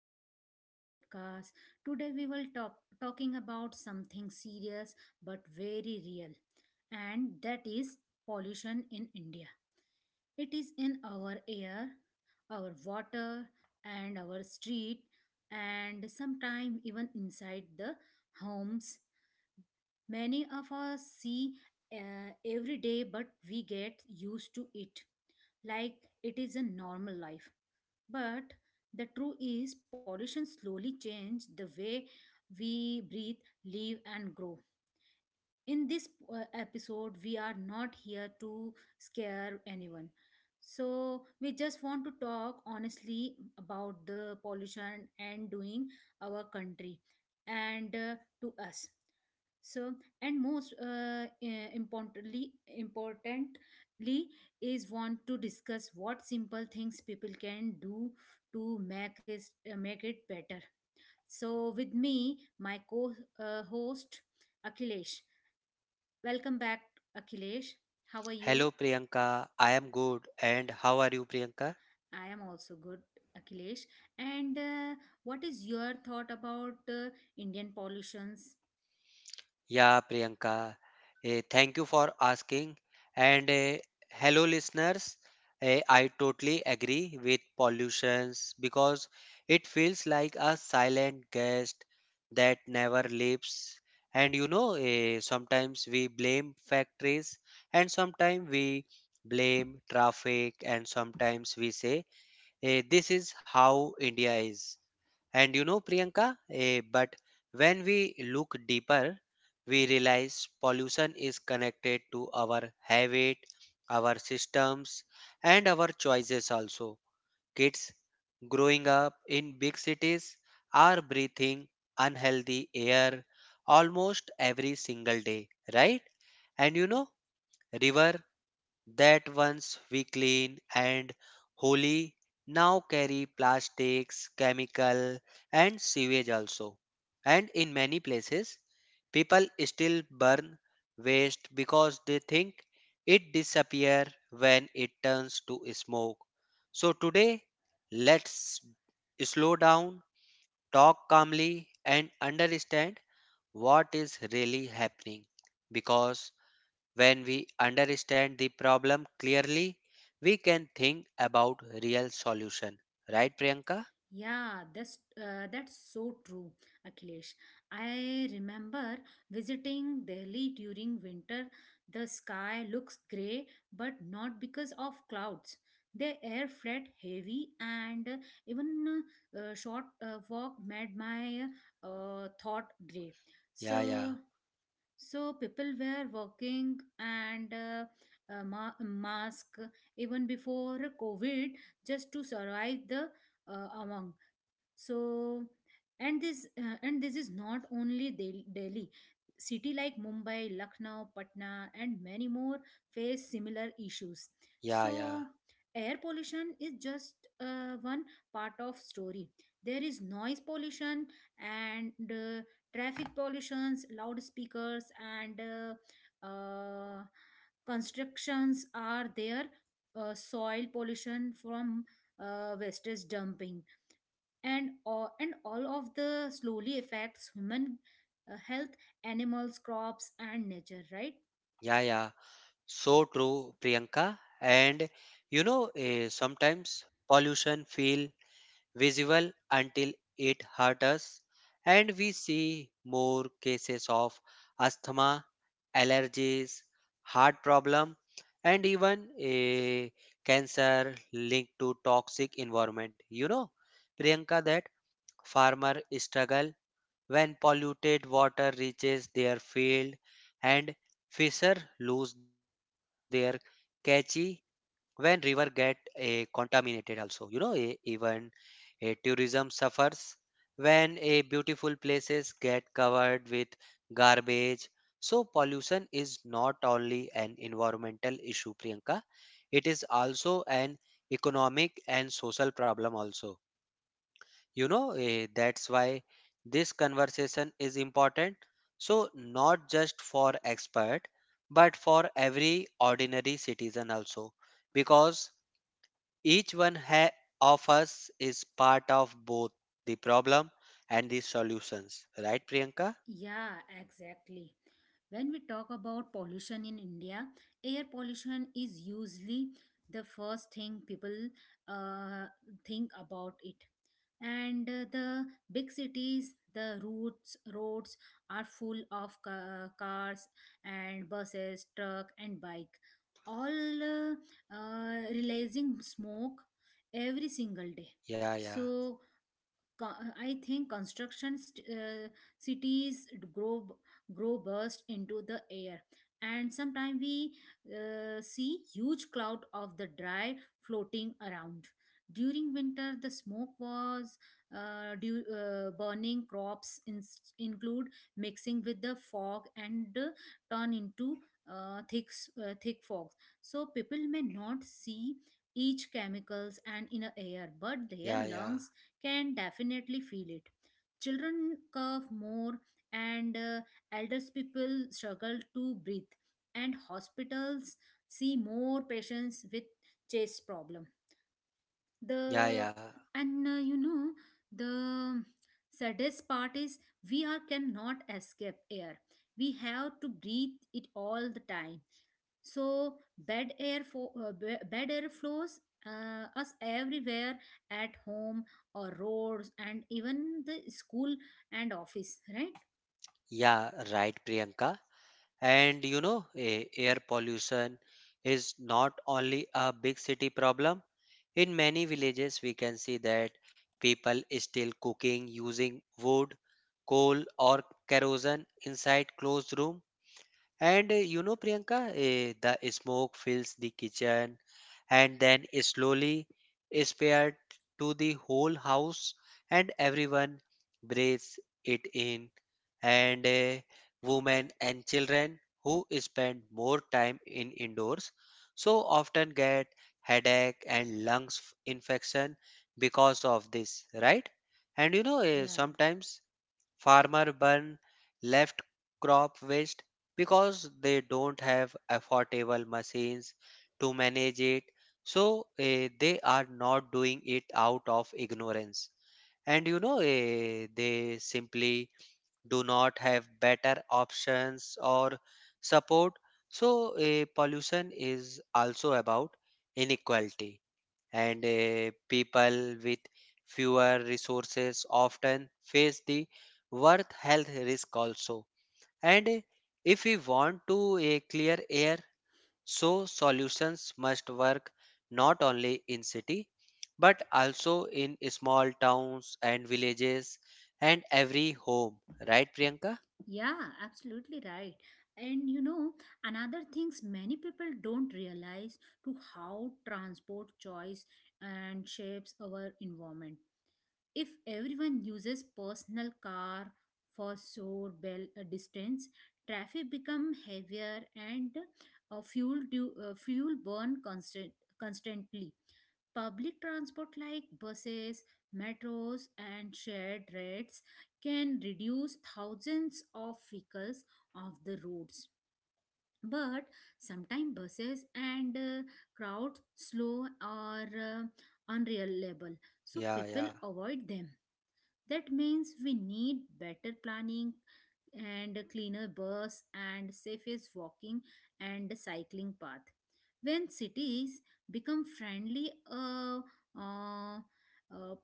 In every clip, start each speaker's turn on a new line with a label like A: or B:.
A: back to our podcast. Today we will talking about something serious but very real, and that is pollution in India. It is in our air, our water and our street, and sometimes even inside the homes. Many of us see every day but we get used to it, like it is a normal life. But the truth is, pollution slowly changes the way we breathe, live, and grow. In this episode, we are not here to scare anyone. So, we just want to talk honestly about the pollution and doing our country and to us. So, and most importantly is want to discuss what simple things people can do to make it better. So, with me, my co-host Akhilesh. Welcome back, Akhilesh. How are you?
B: Hello Priyanka, I am good and how are you Priyanka?
A: I am also good, Akhilesh. And what is your thought about Indian pollutions?
B: Yeah Priyanka, thank you for asking and hello listeners. I totally agree with pollutions because it feels like a silent guest that never leaves. And you know, sometimes we blame factories and sometimes we blame traffic and sometimes we say this is how India is. And you know, Priyanka, but when we look deeper, we realize pollution is connected to our habit, our systems, and our choices also. Kids growing up in big cities are breathing unhealthy air almost every single day, right? And you know, river that once we clean and holy now carry plastics, chemical and sewage also. And in many places, people still burn waste because they think it disappear when it turns to smoke. So today, let's slow down, talk calmly and understand what is really happening because when we understand the problem clearly, we can think about real solution. Right, Priyanka?
A: Yeah, that's so true, Akhilesh. I remember visiting Delhi during winter. The sky looks gray, but not because of clouds. The air felt heavy, and even short walk made my thought gray.
B: Yeah, yeah,
A: So so people were working and mask even before COVID just to survive the among so, and this is not only Delhi city like Mumbai, Lucknow, Patna and many more face similar issues.
B: yeah,
A: So
B: yeah,
A: air pollution is just one part of story. There is noise pollution and traffic pollutions, loudspeakers, and constructions are there. Soil pollution from wastage dumping, and all of the slowly affects human health, animals, crops, and nature. Right?
B: yeah. So true, Priyanka. And you know, sometimes pollution feel visible until it hurt us, and we see more cases of asthma, allergies, heart problem, and even a cancer linked to toxic environment. You know, Priyanka, that farmer struggle when polluted water reaches their field, and fisher lose their catchy when river get contaminated also. You know even a tourism suffers when a beautiful places get covered with garbage. So pollution is not only an environmental issue, Priyanka. It is also an economic and social problem also. You know, that's why this conversation is important. So not just for expert, but for every ordinary citizen also. Because each one of us is part of both the problem and the solutions. Right, Priyanka?
A: Yeah, exactly. When we talk about pollution in India, air pollution is usually the first thing people uh, think about it. And the big cities, the routes roads are full of cars and buses, truck and bike, all releasing smoke every single day.
B: Yeah, yeah,
A: So I think construction cities grow grow burst into the air, and sometimes we see huge cloud of the dry floating around. During winter, the smoke was due, burning crops in, include mixing with the fog and turn into thick fog. So people may not see each chemicals and in a air, but their
B: yeah, yeah,
A: lungs can definitely feel it. Children cough more, and elders people struggle to breathe, and hospitals see more patients with chest problem.
B: yeah,
A: The
B: yeah,
A: and you know the saddest part is we are cannot escape air. We have to breathe it all the time, so bad air flows us everywhere, at home or roads and even the school and office, right?
B: yeah, right, Priyanka. And you know, air pollution is not only a big city problem. In many villages, we can see that people is still cooking using wood, coal, or kerosene inside closed room. And you know, Priyanka, the smoke fills the kitchen and then slowly spread to the whole house, and everyone breathes it in. And women and children who spend more time in indoors so often get headache and lungs infection because of this, right? And you know,
A: Yeah,
B: sometimes Farmer burn left crop waste because they don't have affordable machines to manage it. So they are not doing it out of ignorance. And you know, they simply do not have better options or support. So pollution is also about inequality and people with fewer resources often face the worth health risk also, and if we want to a clear air, so solutions must work not only in city but also in small towns and villages and every home, right Priyanka?
A: yeah, absolutely right. And another things many people don't realize to how transport choice and shapes our environment. If everyone uses personal car for short, bell distance, traffic become heavier and fuel burn constantly. Public transport like buses, metros, and shared rides can reduce thousands of vehicles off the roads. But sometimes buses and crowds slow or unreliable, so
B: yeah
A: people
B: yeah
A: avoid them. That means we need better planning and a cleaner bus and safest walking and cycling path. When cities become friendly, uh, uh, uh,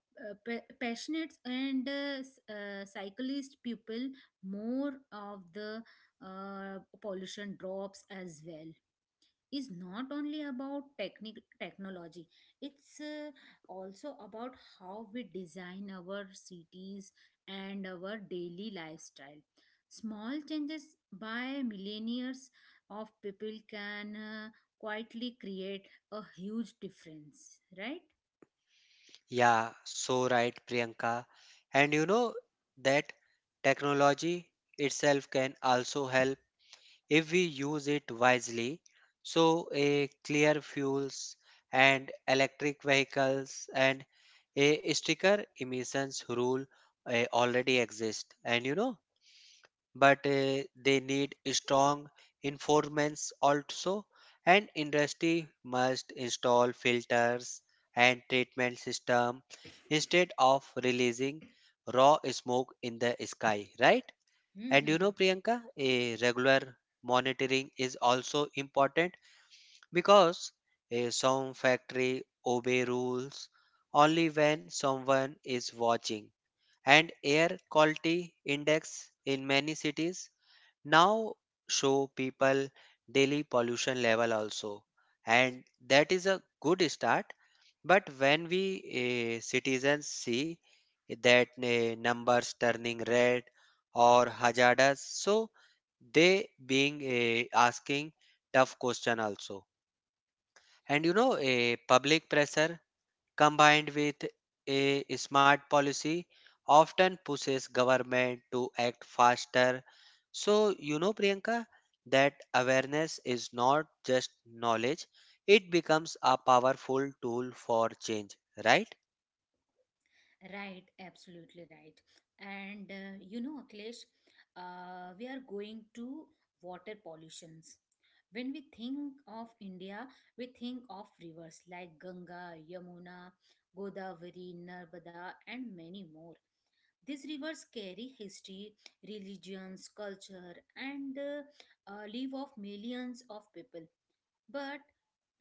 A: pa- passionate and cyclist people, more of the pollution drops as well. Is not only about technology, it's also about how we design our cities and our daily lifestyle. Small changes by millionaires of people can quietly create a huge difference, right?
B: yeah so right Priyanka. And you know that technology itself can also help if we use it wisely. So, a clear fuels and electric vehicles and a sticker emissions rule already exist, and you know, but they need strong enforcements also, and industry must install filters and treatment system instead of releasing raw smoke in the sky, right? And you
A: Hmm.
B: know, Priyanka, a regular monitoring is also important because a sound factory obey rules only when someone is watching. And air quality index in many cities now show people daily pollution level also, and that is a good start. But when we citizens see that numbers turning red or hazardous, so they being asking tough question also. And you know, a public pressure combined with a smart policy often pushes government to act faster. So you know Priyanka, that awareness is not just knowledge, it becomes a powerful tool for change, right?
A: Right, absolutely right. And Akhilesh, we are going to water pollutions. When we think of India, we think of rivers like Ganga, Yamuna, Godavari, Narmada, and many more. These rivers carry history, religions, culture, and life of millions of people. But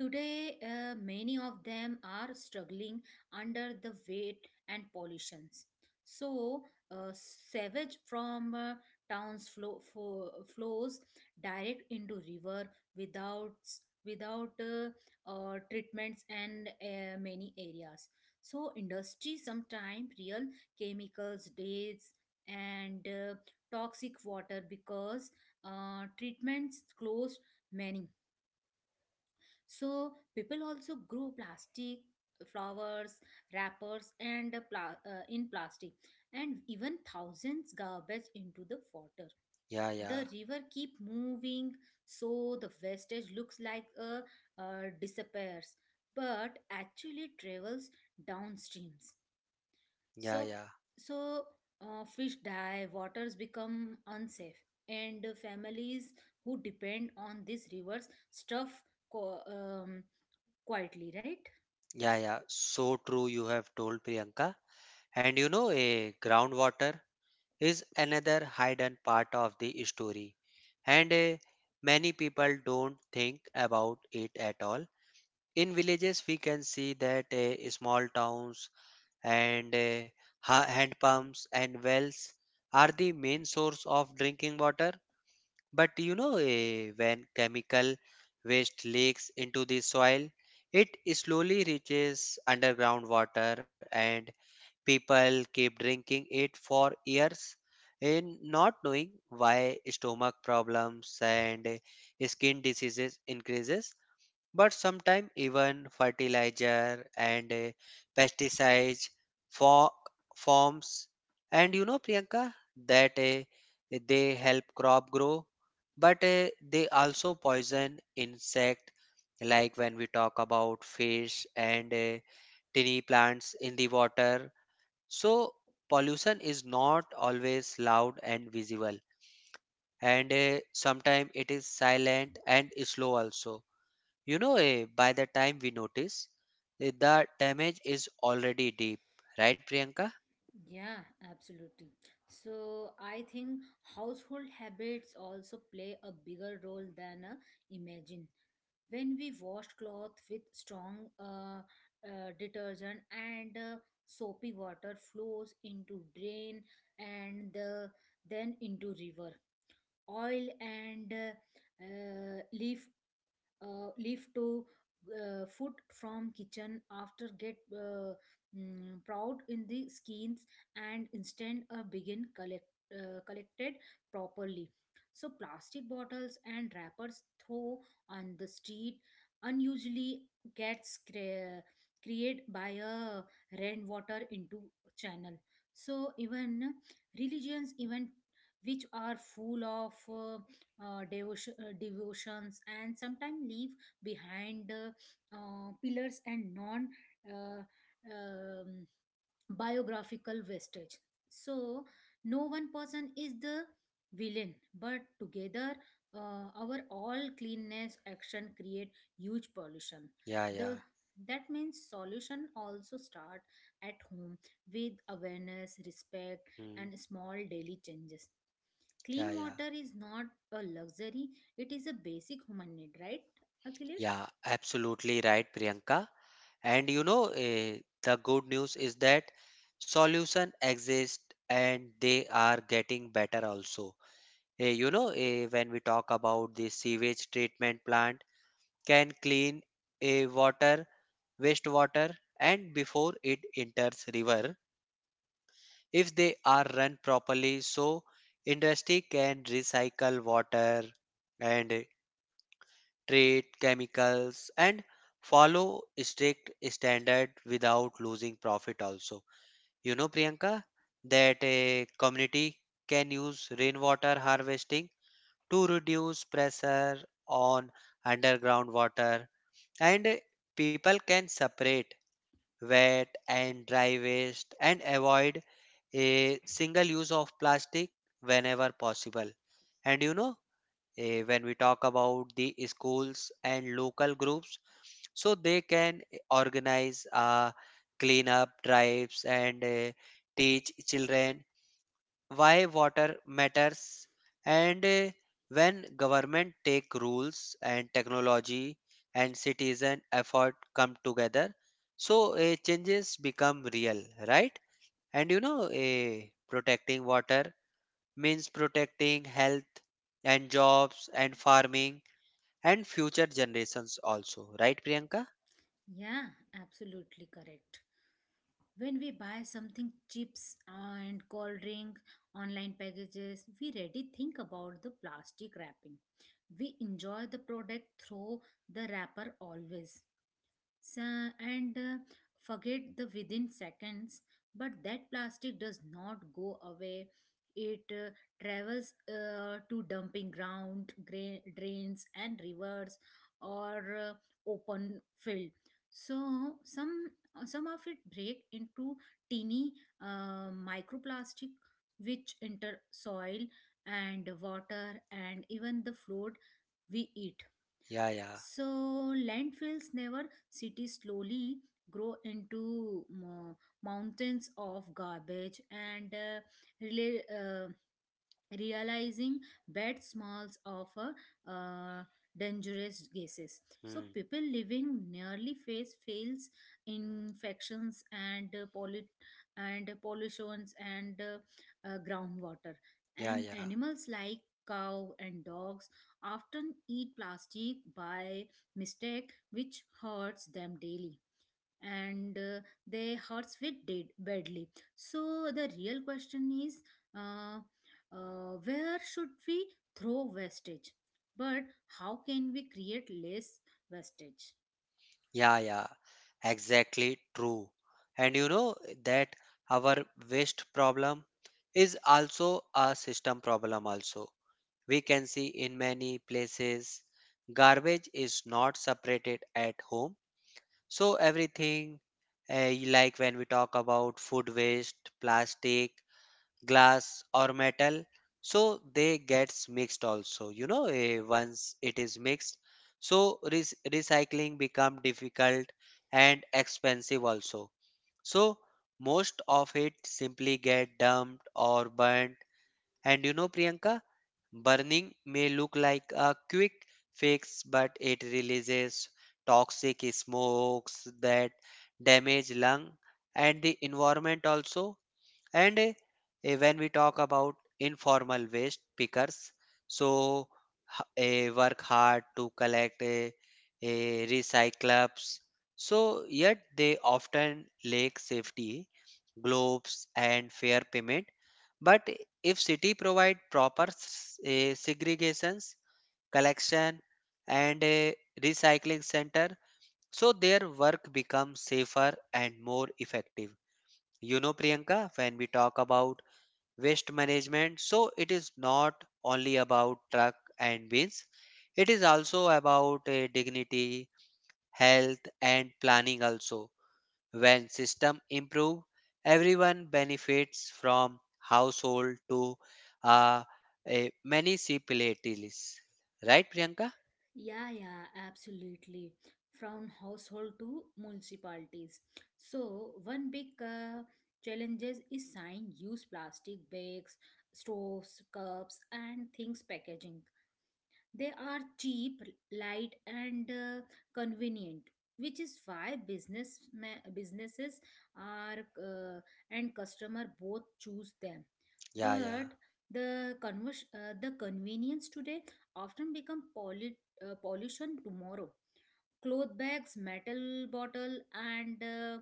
A: today, many of them are struggling under the weight and pollutions. So, savage from towns flow, flows direct into river without without treatments and many areas. So, industry sometimes real chemicals, dates, and toxic water because treatments closed many, so people also grow plastic flowers, wrappers, and in plastic, and even thousands garbage into the water.
B: yeah yeah
A: The river keep moving, so the wastage looks like a disappears, but actually travels downstreams.
B: yeah
A: So
B: yeah
A: so fish die, waters become unsafe, and families who depend on these rivers stuff co- um, quietly, right?
B: yeah yeah so true you have told Priyanka. And you know, a groundwater is another hidden part of the story, and many people don't think about it at all. In villages we can see that small towns and hand pumps and wells are the main source of drinking water. But you know when chemical waste leaks into the soil, it slowly reaches underground water and people keep drinking it for years in not knowing why stomach problems and skin diseases increases. But sometimes even fertilizer and pesticides for forms. And you know Priyanka, that they help crop grow but they also poison insect, like when we talk about fish and tiny plants in the water. So pollution is not always loud and visible, and sometimes it is silent and slow also. You know, by the time we notice, the damage is already deep, right, Priyanka?
A: Yeah, absolutely. So I think household habits also play a bigger role than imagine. When we wash cloth with strong detergent and soapy water flows into drain and then into river. Oil and leaf to foot from kitchen after get proud in the skins and instead begin collect collected properly, so plastic bottles and wrappers throw on the street unusually gets created by a rainwater into channel. So even religions even, which are full of devotions and sometimes leave behind pillars and non uh, um, biographical wastage. So, no one person is the villain, but together, our all cleanness action create huge pollution.
B: Yeah, yeah,
A: The That means solution also start at home with awareness, respect,
B: Hmm.
A: and small daily changes.
B: yeah,
A: Clean
B: yeah,
A: water is not a luxury, it is a basic human need, right, Akhilesh?
B: yeah, absolutely right, Priyanka. And you know, the good news is that solution exist and they are getting better also. You know, when we talk about the sewage treatment plant, can clean a water, wastewater, and before it enters river if they are run properly, so industry can recycle water and treat chemicals and follow strict standard without losing profit also. You know Priyanka, that a community can use rainwater harvesting to reduce pressure on underground water, and people can separate wet and dry waste and avoid a single use of plastic whenever possible. And you know when we talk about the schools and local groups, so they can organize clean up drives and teach children why water matters. And when government take rules and technology and citizen effort come together, so changes become real, right? And you know protecting water means protecting health and jobs and farming and future generations also, right Priyanka?
A: Yeah, absolutely correct. When we buy something, chips and cold drink, online packages, we already think about the plastic wrapping. We enjoy the product through the wrapper always. So, and forget the within seconds, but that plastic does not go away. It travels to dumping ground, drains, and rivers or open field. So some of it break into teeny microplastic, which enter soil and water and even the food we eat.
B: yeah yeah
A: So landfills never cities slowly grow into mountains of garbage and rela- uh, realizing that smalls offer uh, uh, dangerous gases, so
B: Hmm.
A: people living nearly face fails infections and and pollutions and groundwater,
B: yeah
A: and
B: yeah
A: animals like cow and dogs often eat plastic by mistake, which hurts them daily and their hearts fit dead badly. So the real question is, uh, where should we throw wastage? But how can we create less wastage?
B: Yeah, yeah, exactly true. And you know that our waste problem is also a system problem also. We can see in many places garbage is not separated at home. So everything like when we talk about food waste, plastic glass or metal, so they gets mixed also. You know once it is mixed, so recycling become difficult and expensive also, so most of it simply get dumped or burnt. And you know Priyanka, burning may look like a quick fix but it releases toxic smokes that damage lung and the environment also. And when we talk about informal waste pickers, so work hard to collect recyclables, so yet they often lack safety gloves and fair payment. But if city provide proper segregations, collection and a recycling center, so their work becomes safer and more effective. You know, Priyanka, when we talk about waste management. So it is not only about truck and bins. It is also about dignity, health and planning also. When system improve, everyone benefits from household to uh, a municipalities. Right, Priyanka?
A: Yeah, yeah, absolutely. From household to municipalities. So one big challenges is sign use plastic bags, straws, cups, and things packaging. They are cheap, light, and convenient, which is why businesses are and customer both choose them.
B: Yeah, yeah,
A: But the convenience today often become pollution tomorrow. Cloth bags, metal bottle, and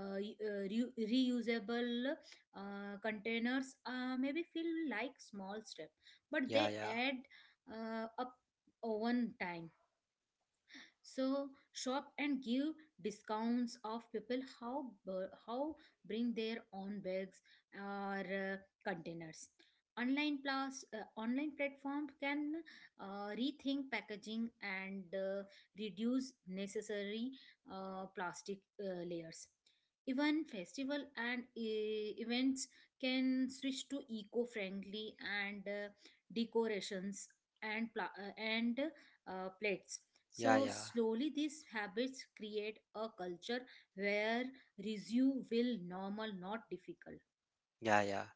A: uh, y- uh, reusable containers maybe feel like small step, but
B: yeah,
A: they
B: yeah,
A: add up over time. So shop and give discounts of people how bring their own bags or containers. Online plus online platform can rethink packaging and reduce necessary plastic layers. Even festival and events can switch to eco-friendly and decorations and and plates.
B: yeah,
A: So
B: yeah,
A: slowly these habits create a culture where resume will normal, not difficult.
B: yeah.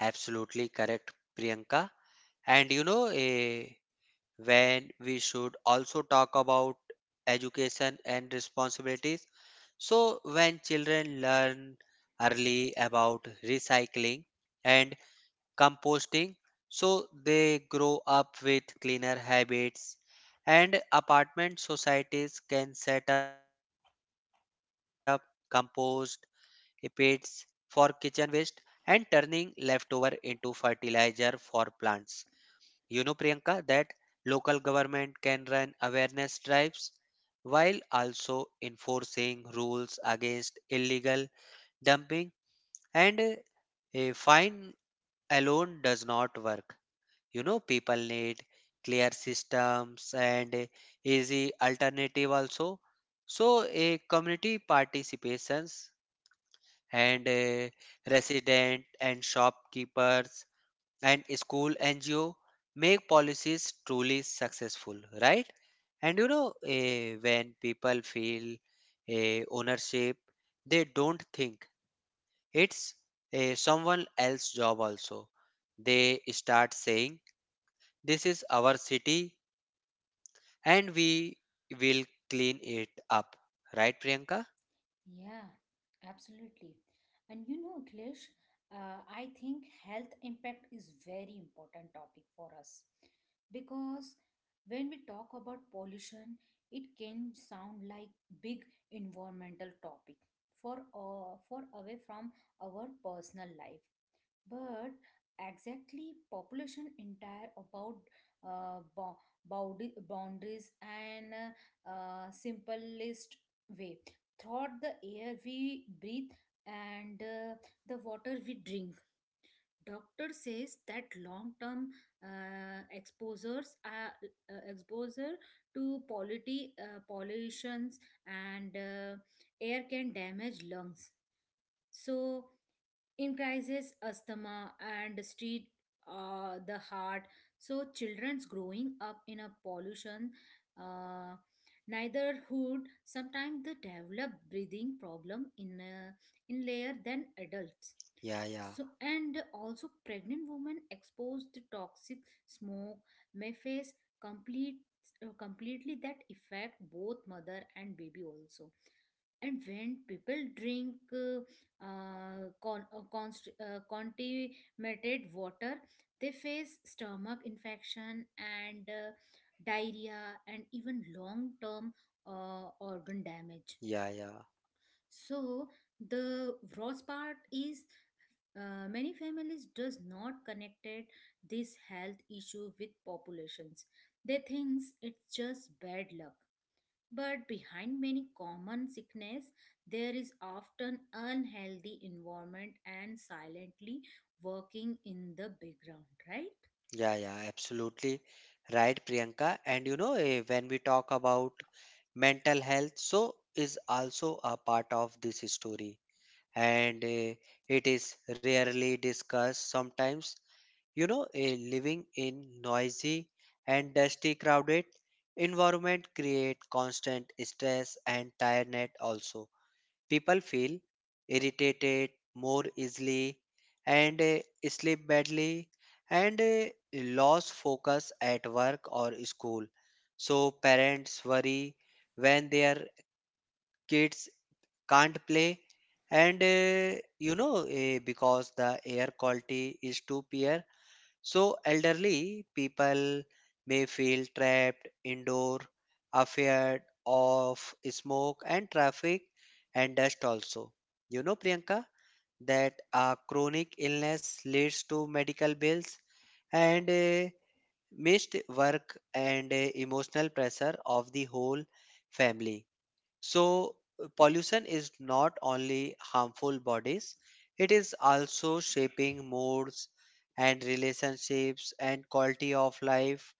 B: Absolutely correct, Priyanka. And you know, when we should also talk about education and responsibilities. So, when children learn early about recycling and composting, so they grow up with cleaner habits, and apartment societies can set up compost pits for kitchen waste and turning leftover into fertilizer for plants. You know, Priyanka, that local government can run awareness drives while also enforcing rules against illegal dumping, and a fine alone does not work. You know, people need clear systems and easy alternative also. So, a community participations and resident and shopkeepers and school NGO make policies truly successful, right? And you know, when people feel ownership, they don't think it's someone else's job also. They start saying, This is our city and we will clean it up, right, Priyanka?
A: Yeah, absolutely. And Klish, I think health impact is very important topic for us, because when we talk about pollution, it can sound like big environmental topic for away from our personal life. But exactly population entire about uh, bo- boundaries and simplest way thought the air we breathe and the water we drink. Doctor says that long term uh, exposures are exposure to pollutions and air can damage lungs, so increases asthma and street the heart. So children's growing up in a pollution uh, neighborhood, sometimes they develop breathing problem in layer than adults.
B: Yeah, yeah,
A: So and also pregnant women exposed to toxic smoke may face complete completely that affect both mother and baby also. And when people drink contaminated water, they face stomach infection and diarrhea and even long term organ damage.
B: yeah, yeah.
A: So the worst part is, many families does not connected this health issue with populations. They thinks it's just bad luck, but behind many common sickness, there is often unhealthy environment and silently working in the background, right?
B: Yeah, absolutely right, Priyanka. And you know, when we talk about mental health, so is also a part of this story, and it is rarely discussed. Sometimes, you know, living in noisy and dusty, crowded environment create constant stress and tiredness also. People feel irritated more easily and sleep badly and lose focus at work or school. So parents worry when their kids can't play, and you know because the air quality is too poor, so elderly people may feel trapped indoor, afraid of smoke and traffic and dust also. You know, Priyanka, that a chronic illness leads to medical bills and missed work and emotional pressure of the whole family. So pollution is not only harmful bodies, it is also shaping moods and relationships and quality of life,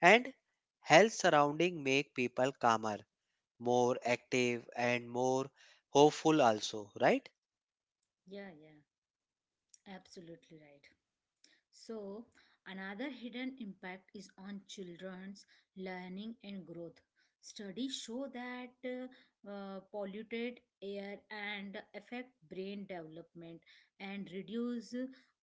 B: and health surrounding make people calmer, more active and more hopeful also, right?
A: Yeah, yeah. Absolutely right. So, another hidden impact is on children's learning and growth. Studies show that polluted air and affect brain development and reduce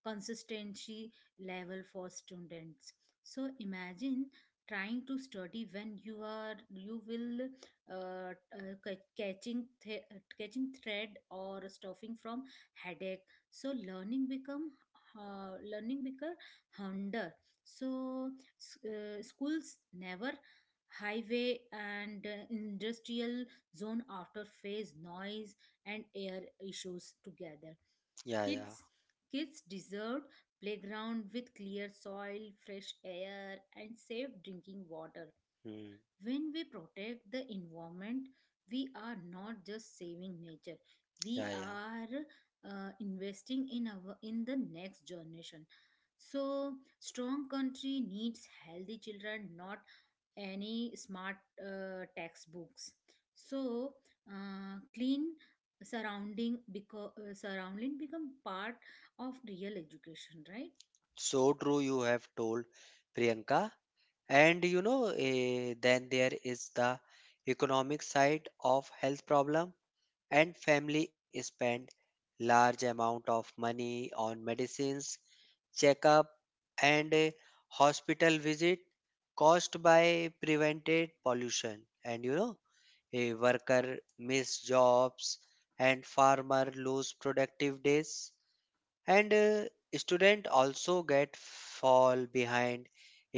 A: consistency level for students. So, imagine trying to study when you will uh, uh, ca- catching th- catching thread or stuffing from headache, so learning become harder. So schools never highway and industrial zone after phase noise and air issues together.
B: Yeah, yeah.
A: Kids kids deserve playground with clear soil, fresh air, and safe drinking water.
B: Hmm.
A: When we protect the environment, we are not just saving nature, we
B: Yeah.
A: are investing in our in the next generation. So, strong country needs healthy children, not any smart textbooks. So, clean surrounding because surrounding become part of real education, right?
B: So true you have told Priyanka. And you know, then there is the economic side of health problem, and family spend large amount of money on medicines, checkup, and hospital visit caused by prevented pollution. And you know, a worker miss jobs and farmer lose productive days, and student also get fall behind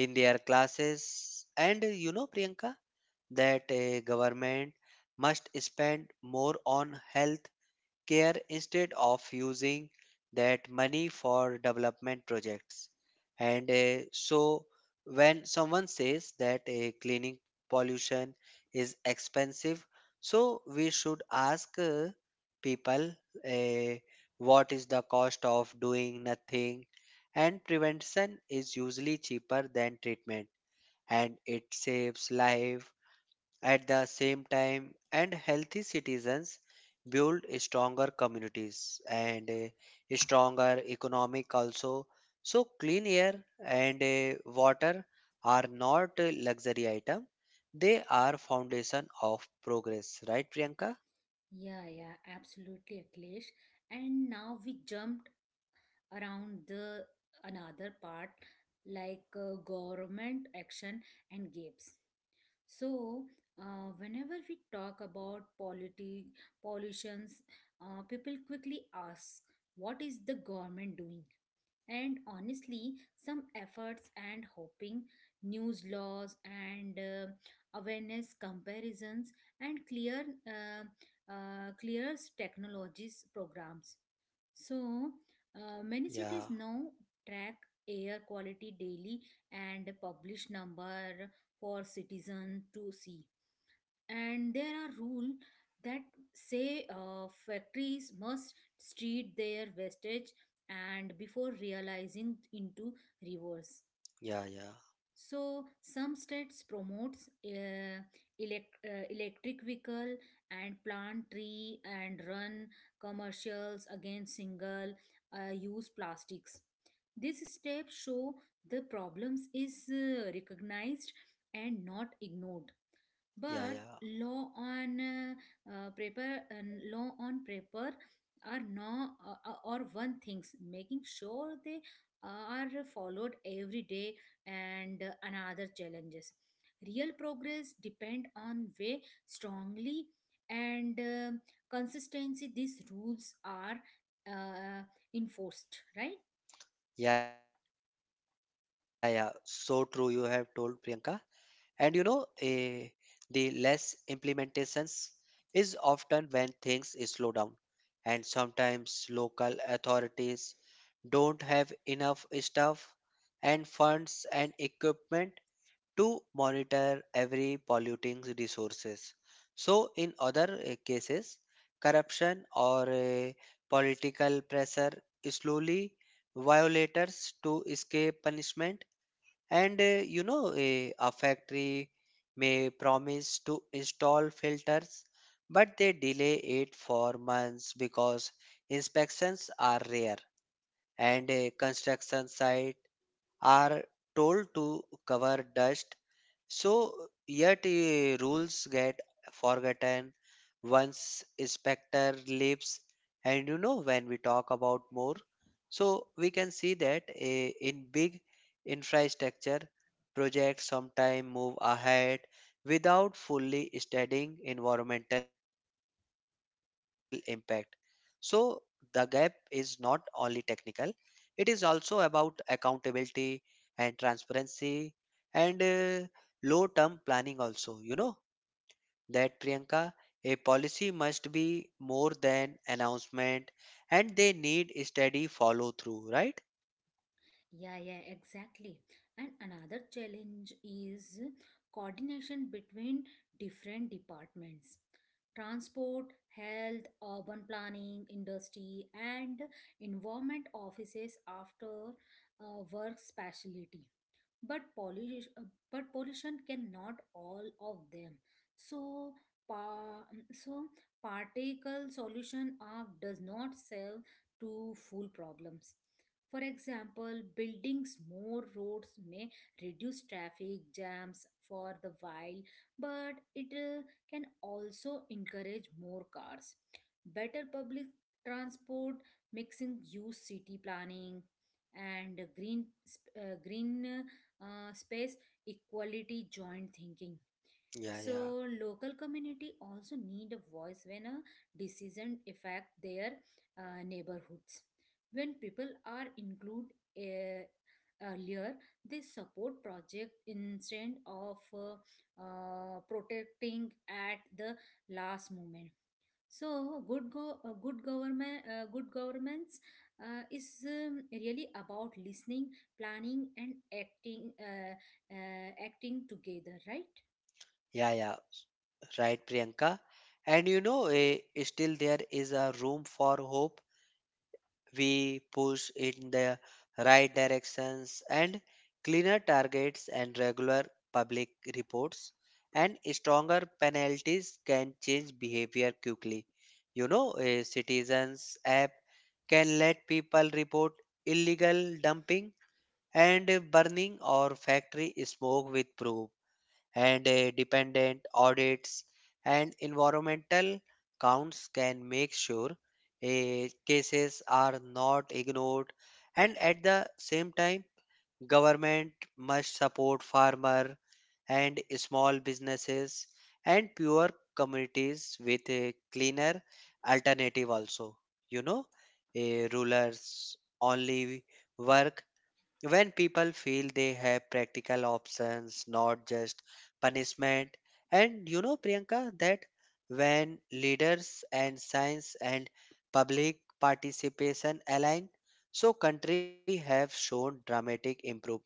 B: in their classes, and you know, priyanka, that a government must spend more on health care instead of using that money for development projects. And uh, so, when someone says that cleaning pollution is expensive, so we should ask people, uh, what is the cost of doing nothing? And prevention is usually cheaper than treatment, and it saves life at the same time, and healthy citizens build stronger communities and a stronger economic also. So clean air and water are not a luxury item. They are foundation of progress, right, Priyanka?
A: Yeah, yeah, absolutely, Akhilesh. And now we jump around the another part like government action and gaps. So, whenever we talk about polity pollutions, people quickly ask what is the government doing. And honestly some efforts and hoping news laws and awareness comparisons and clear clear technologies programs. So, many cities
B: Yeah,
A: now track air quality daily and publish number for citizen to see, and there are rules that say factories must treat their wastage and before realizing into reverse.
B: yeah, yeah,
A: So some states promotes uh, electric vehicle and plant tree and run commercials against single use plastics. This step show the problems is recognized and not ignored.
B: yeah,
A: But
B: yeah,
A: law on uh, law on paper are no or one things. Making sure they are followed every day and another challenges, real progress depend on way strongly and consistency these rules are uh, enforced, right?
B: yeah, yeah. So true. You have told Priyanka, and you know, the less implementations is often when things slow down, and sometimes local authorities don't have enough staff and funds and equipment to monitor every polluting resources. So in other cases, corruption or political pressure slowly violators to escape punishment. And you know, a factory may promise to install filters, but they delay it for months because inspections are rare, and a construction site are told to cover dust, so yet rules get forgotten once inspector leaves. And you know, when we talk about more, so we can see that in big infrastructure projects sometimes move ahead without fully studying environmental impact. So the gap is not only technical, it is also about accountability and transparency and low term planning also. You know that priyanka, a policy must be more than announcement, and they need steady follow through, right?
A: Yeah, yeah, exactly. And another challenge is coordination between different departments. Transport, health, urban planning, industry, and environment offices after work specialty, but pollution cannot all of them. So pa- so particle solution are does not serve to full problems. For example, buildings more roads may reduce traffic jams for the while, but it can also encourage more cars. Better public transport, mixing use city planning, and green space equality joint thinking.
B: Yeah, yeah,
A: So local community also need a voice when a decision affect their neighborhoods. When people are include uh, earlier, they support project instead of protecting at the last moment. So good governments is really about listening, planning, and acting acting together, right?
B: yeah, yeah. Right, Priyanka. And you know, still there is a room for hope. We push in the right directions, and cleaner targets and regular public reports and stronger penalties can change behavior quickly. You know, a citizens app can let people report illegal dumping and burning or factory smoke with proof, and dependent audits and environmental counts can make sure cases are not ignored. And at the same time, government must support farmer and small businesses and poor communities with a cleaner alternative also. You know, a rulers only work when people feel they have practical options, not just punishment. And you know, Priyanka, that when leaders and science and public participation align, so country have shown dramatic improvement,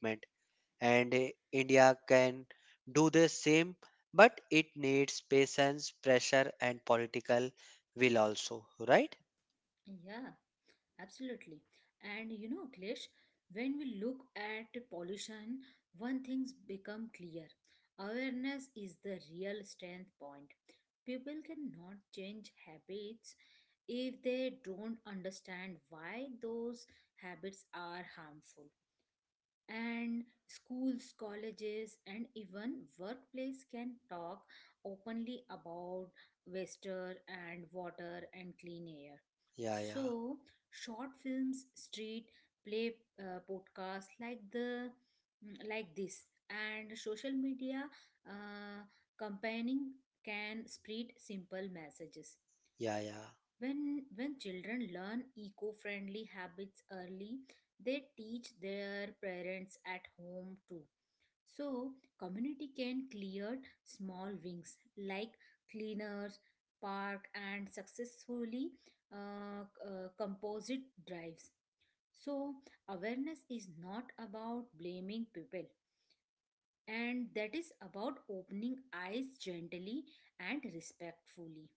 B: and India can do the same, but it needs patience, pressure, and political will also, right?
A: Yeah, absolutely. And you know, Klish, when we look at pollution, one thing's become clear. Awareness is the real strength point. People cannot change habits if they don't understand why those habits are harmful. And schools colleges and even workplace can talk openly about waster and water and clean air.
B: Yeah, yeah,
A: So short films, street play, podcasts like the like this, and social media uh, campaigning can spread simple messages.
B: yeah, yeah.
A: When children learn eco friendly habits early, they teach their parents at home too. So, community can clear small wings like cleaners, park, and successfully composite drives. So, awareness is not about blaming people, and that is about opening eyes gently and respectfully.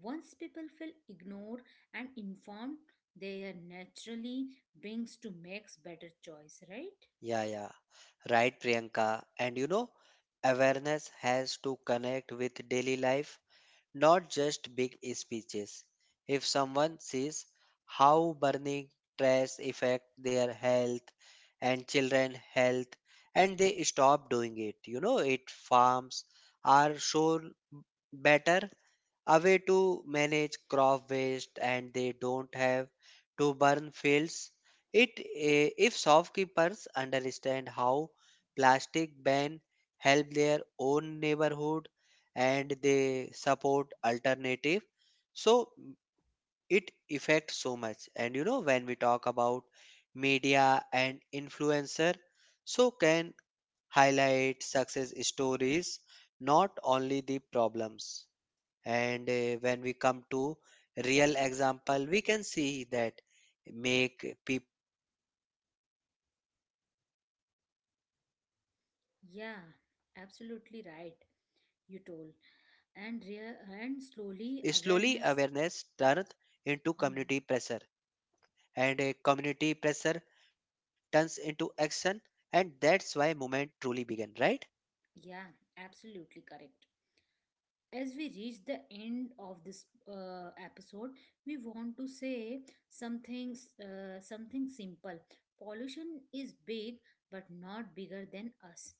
A: Once people feel ignored and informed, they are naturally brings to makes better choice, right?
B: Yeah, yeah. Right, Priyanka. And you know, awareness has to connect with daily life, not just big speeches. If someone sees how burning trash affect their health and children health and they stop doing it. You know, it farms are shown better a way to manage crop waste and they don't have to burn fields. If shopkeepers understand how plastic ban help their own neighborhood and they support alternative. So it affects so much. And you know, when we talk about media and influencer, so can highlight success stories, not only the problems. And when we come to real example, we can see that make people believe that change is possible and not
A: Yeah,
B: impossible. You know,
A: absolutely
B: priyanka,
A: right. You told
B: slowly awareness
A: and
B: turns into
A: slowly
B: community
A: awareness.
B: pressure, and
A: Hmm.
B: community pressure turns into action, and that's why movement truly began, right?
A: Yeah, absolutely correct. As we reach the end of this episode, we want to say something, something simple. Pollution is big but not bigger than us.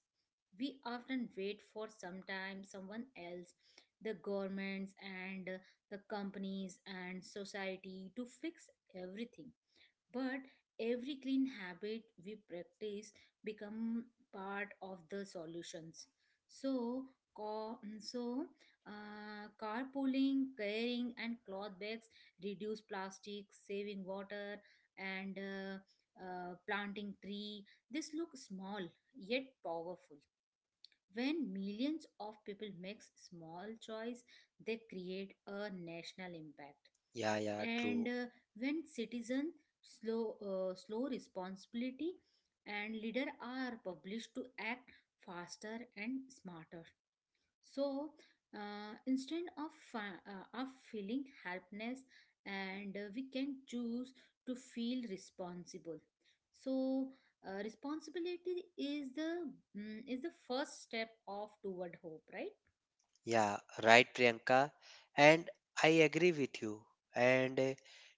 A: We often wait for sometime someone else, the governments and the companies and society to fix everything. But every clean habit we practice become part of the solutions. So co- so carpooling, carrying and cloth bags, reduce plastic, saving water, and planting tree, this look small yet powerful. When millions of people makes small choice, they create a national impact.
B: Yeah, yeah, true.
A: And when citizen slow responsibility and leader are published to act faster and smarter. So, instead of feeling helpless, and we can choose to feel responsible. So, responsibility is the is the first step of toward hope, right?
B: Yeah, right, Priyanka. And I agree with you. And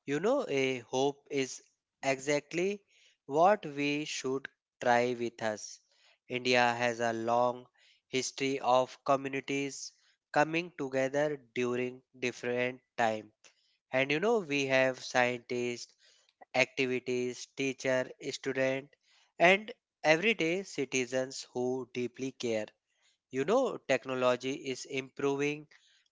B: you know, a hope is exactly what we should try with us. India has a long history of communities coming together during different time. And you know, we have scientists, activities, teacher, student, and everyday citizens who deeply care. You know, technology is improving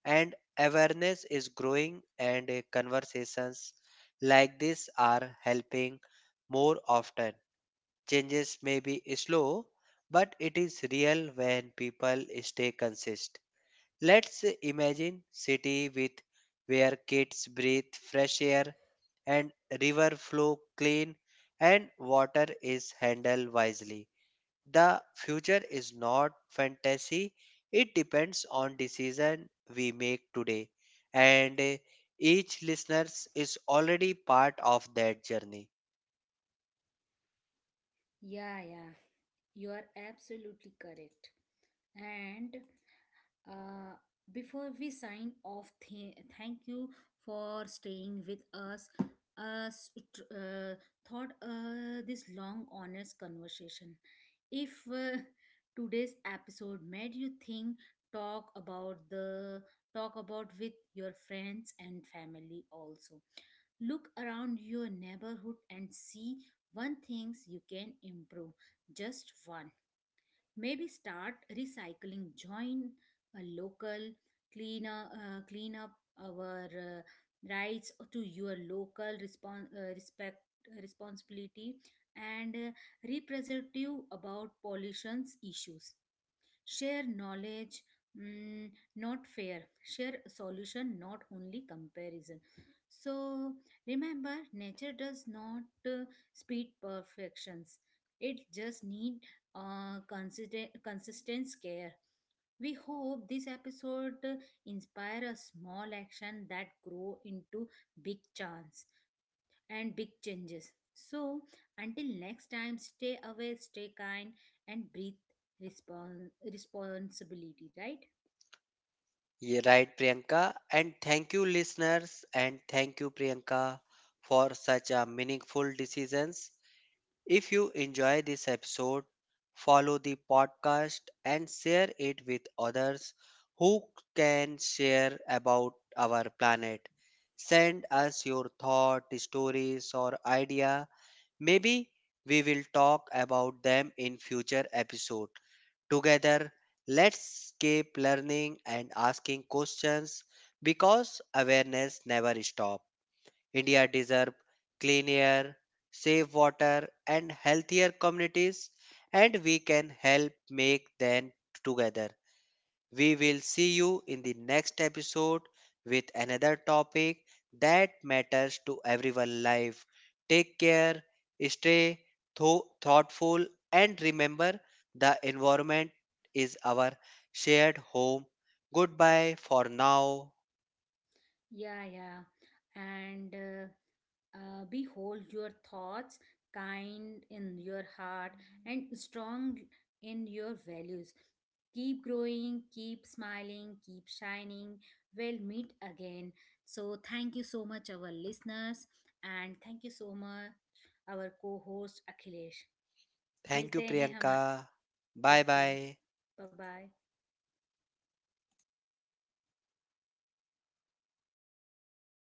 B: and awareness is growing, and conversations like this are helping more often. Changes may be slow, but it is real when people stay consistent. Let's imagine city with where kids breathe fresh air and river flow clean and water is handled wisely. The future is not fantasy. It depends on decision we make today. And each listener is already part of that journey.
A: Yeah, yeah, you are absolutely correct. And Uh, before we sign off, thank you for staying with us. Us tr- uh, thought this long, honest conversation. If today's episode made you think, talk about the talk about with your friends and family also. Look around your neighborhood and see one things you can improve. Just one. Maybe start recycling, join a local cleaner, clean up our rights to your local respect responsibility and representative about pollution issues. Share knowledge, mm, not fear. Share solution, not only comparison. So, remember, nature does not speed perfections, it just need consistent care. We hope this episode inspire a small action that grow into big chance and big changes. So, until next time, stay aware, stay kind, and breathe responsibility, right?
B: Yeah, right, Priyanka? And thank you, listeners, and thank you, Priyanka, for such a meaningful decisions. If you enjoy this episode, follow the podcast and share it with others who can share about our planet. Send us your thought, stories or idea. Maybe we will talk about them in future episode. Together, let's keep learning and asking questions because awareness never stops. India deserves clean air, safe water, and healthier communities, and we can help make them together. We will see you in the next episode with another topic that matters to everyone life. Take care, stay thoughtful, and remember the environment is our shared home. Goodbye for now.
A: Yeah, yeah. And behold your thoughts, kind in your heart, and strong in your values. Keep growing, keep smiling, keep shining. We'll meet again. So, thank you so much, our listeners, and thank you so much, our co host Akhilesh.
B: Thank you,
A: मिलते हैं हमा
B: Priyanka. Bye
A: okay
B: bye.
A: Bye bye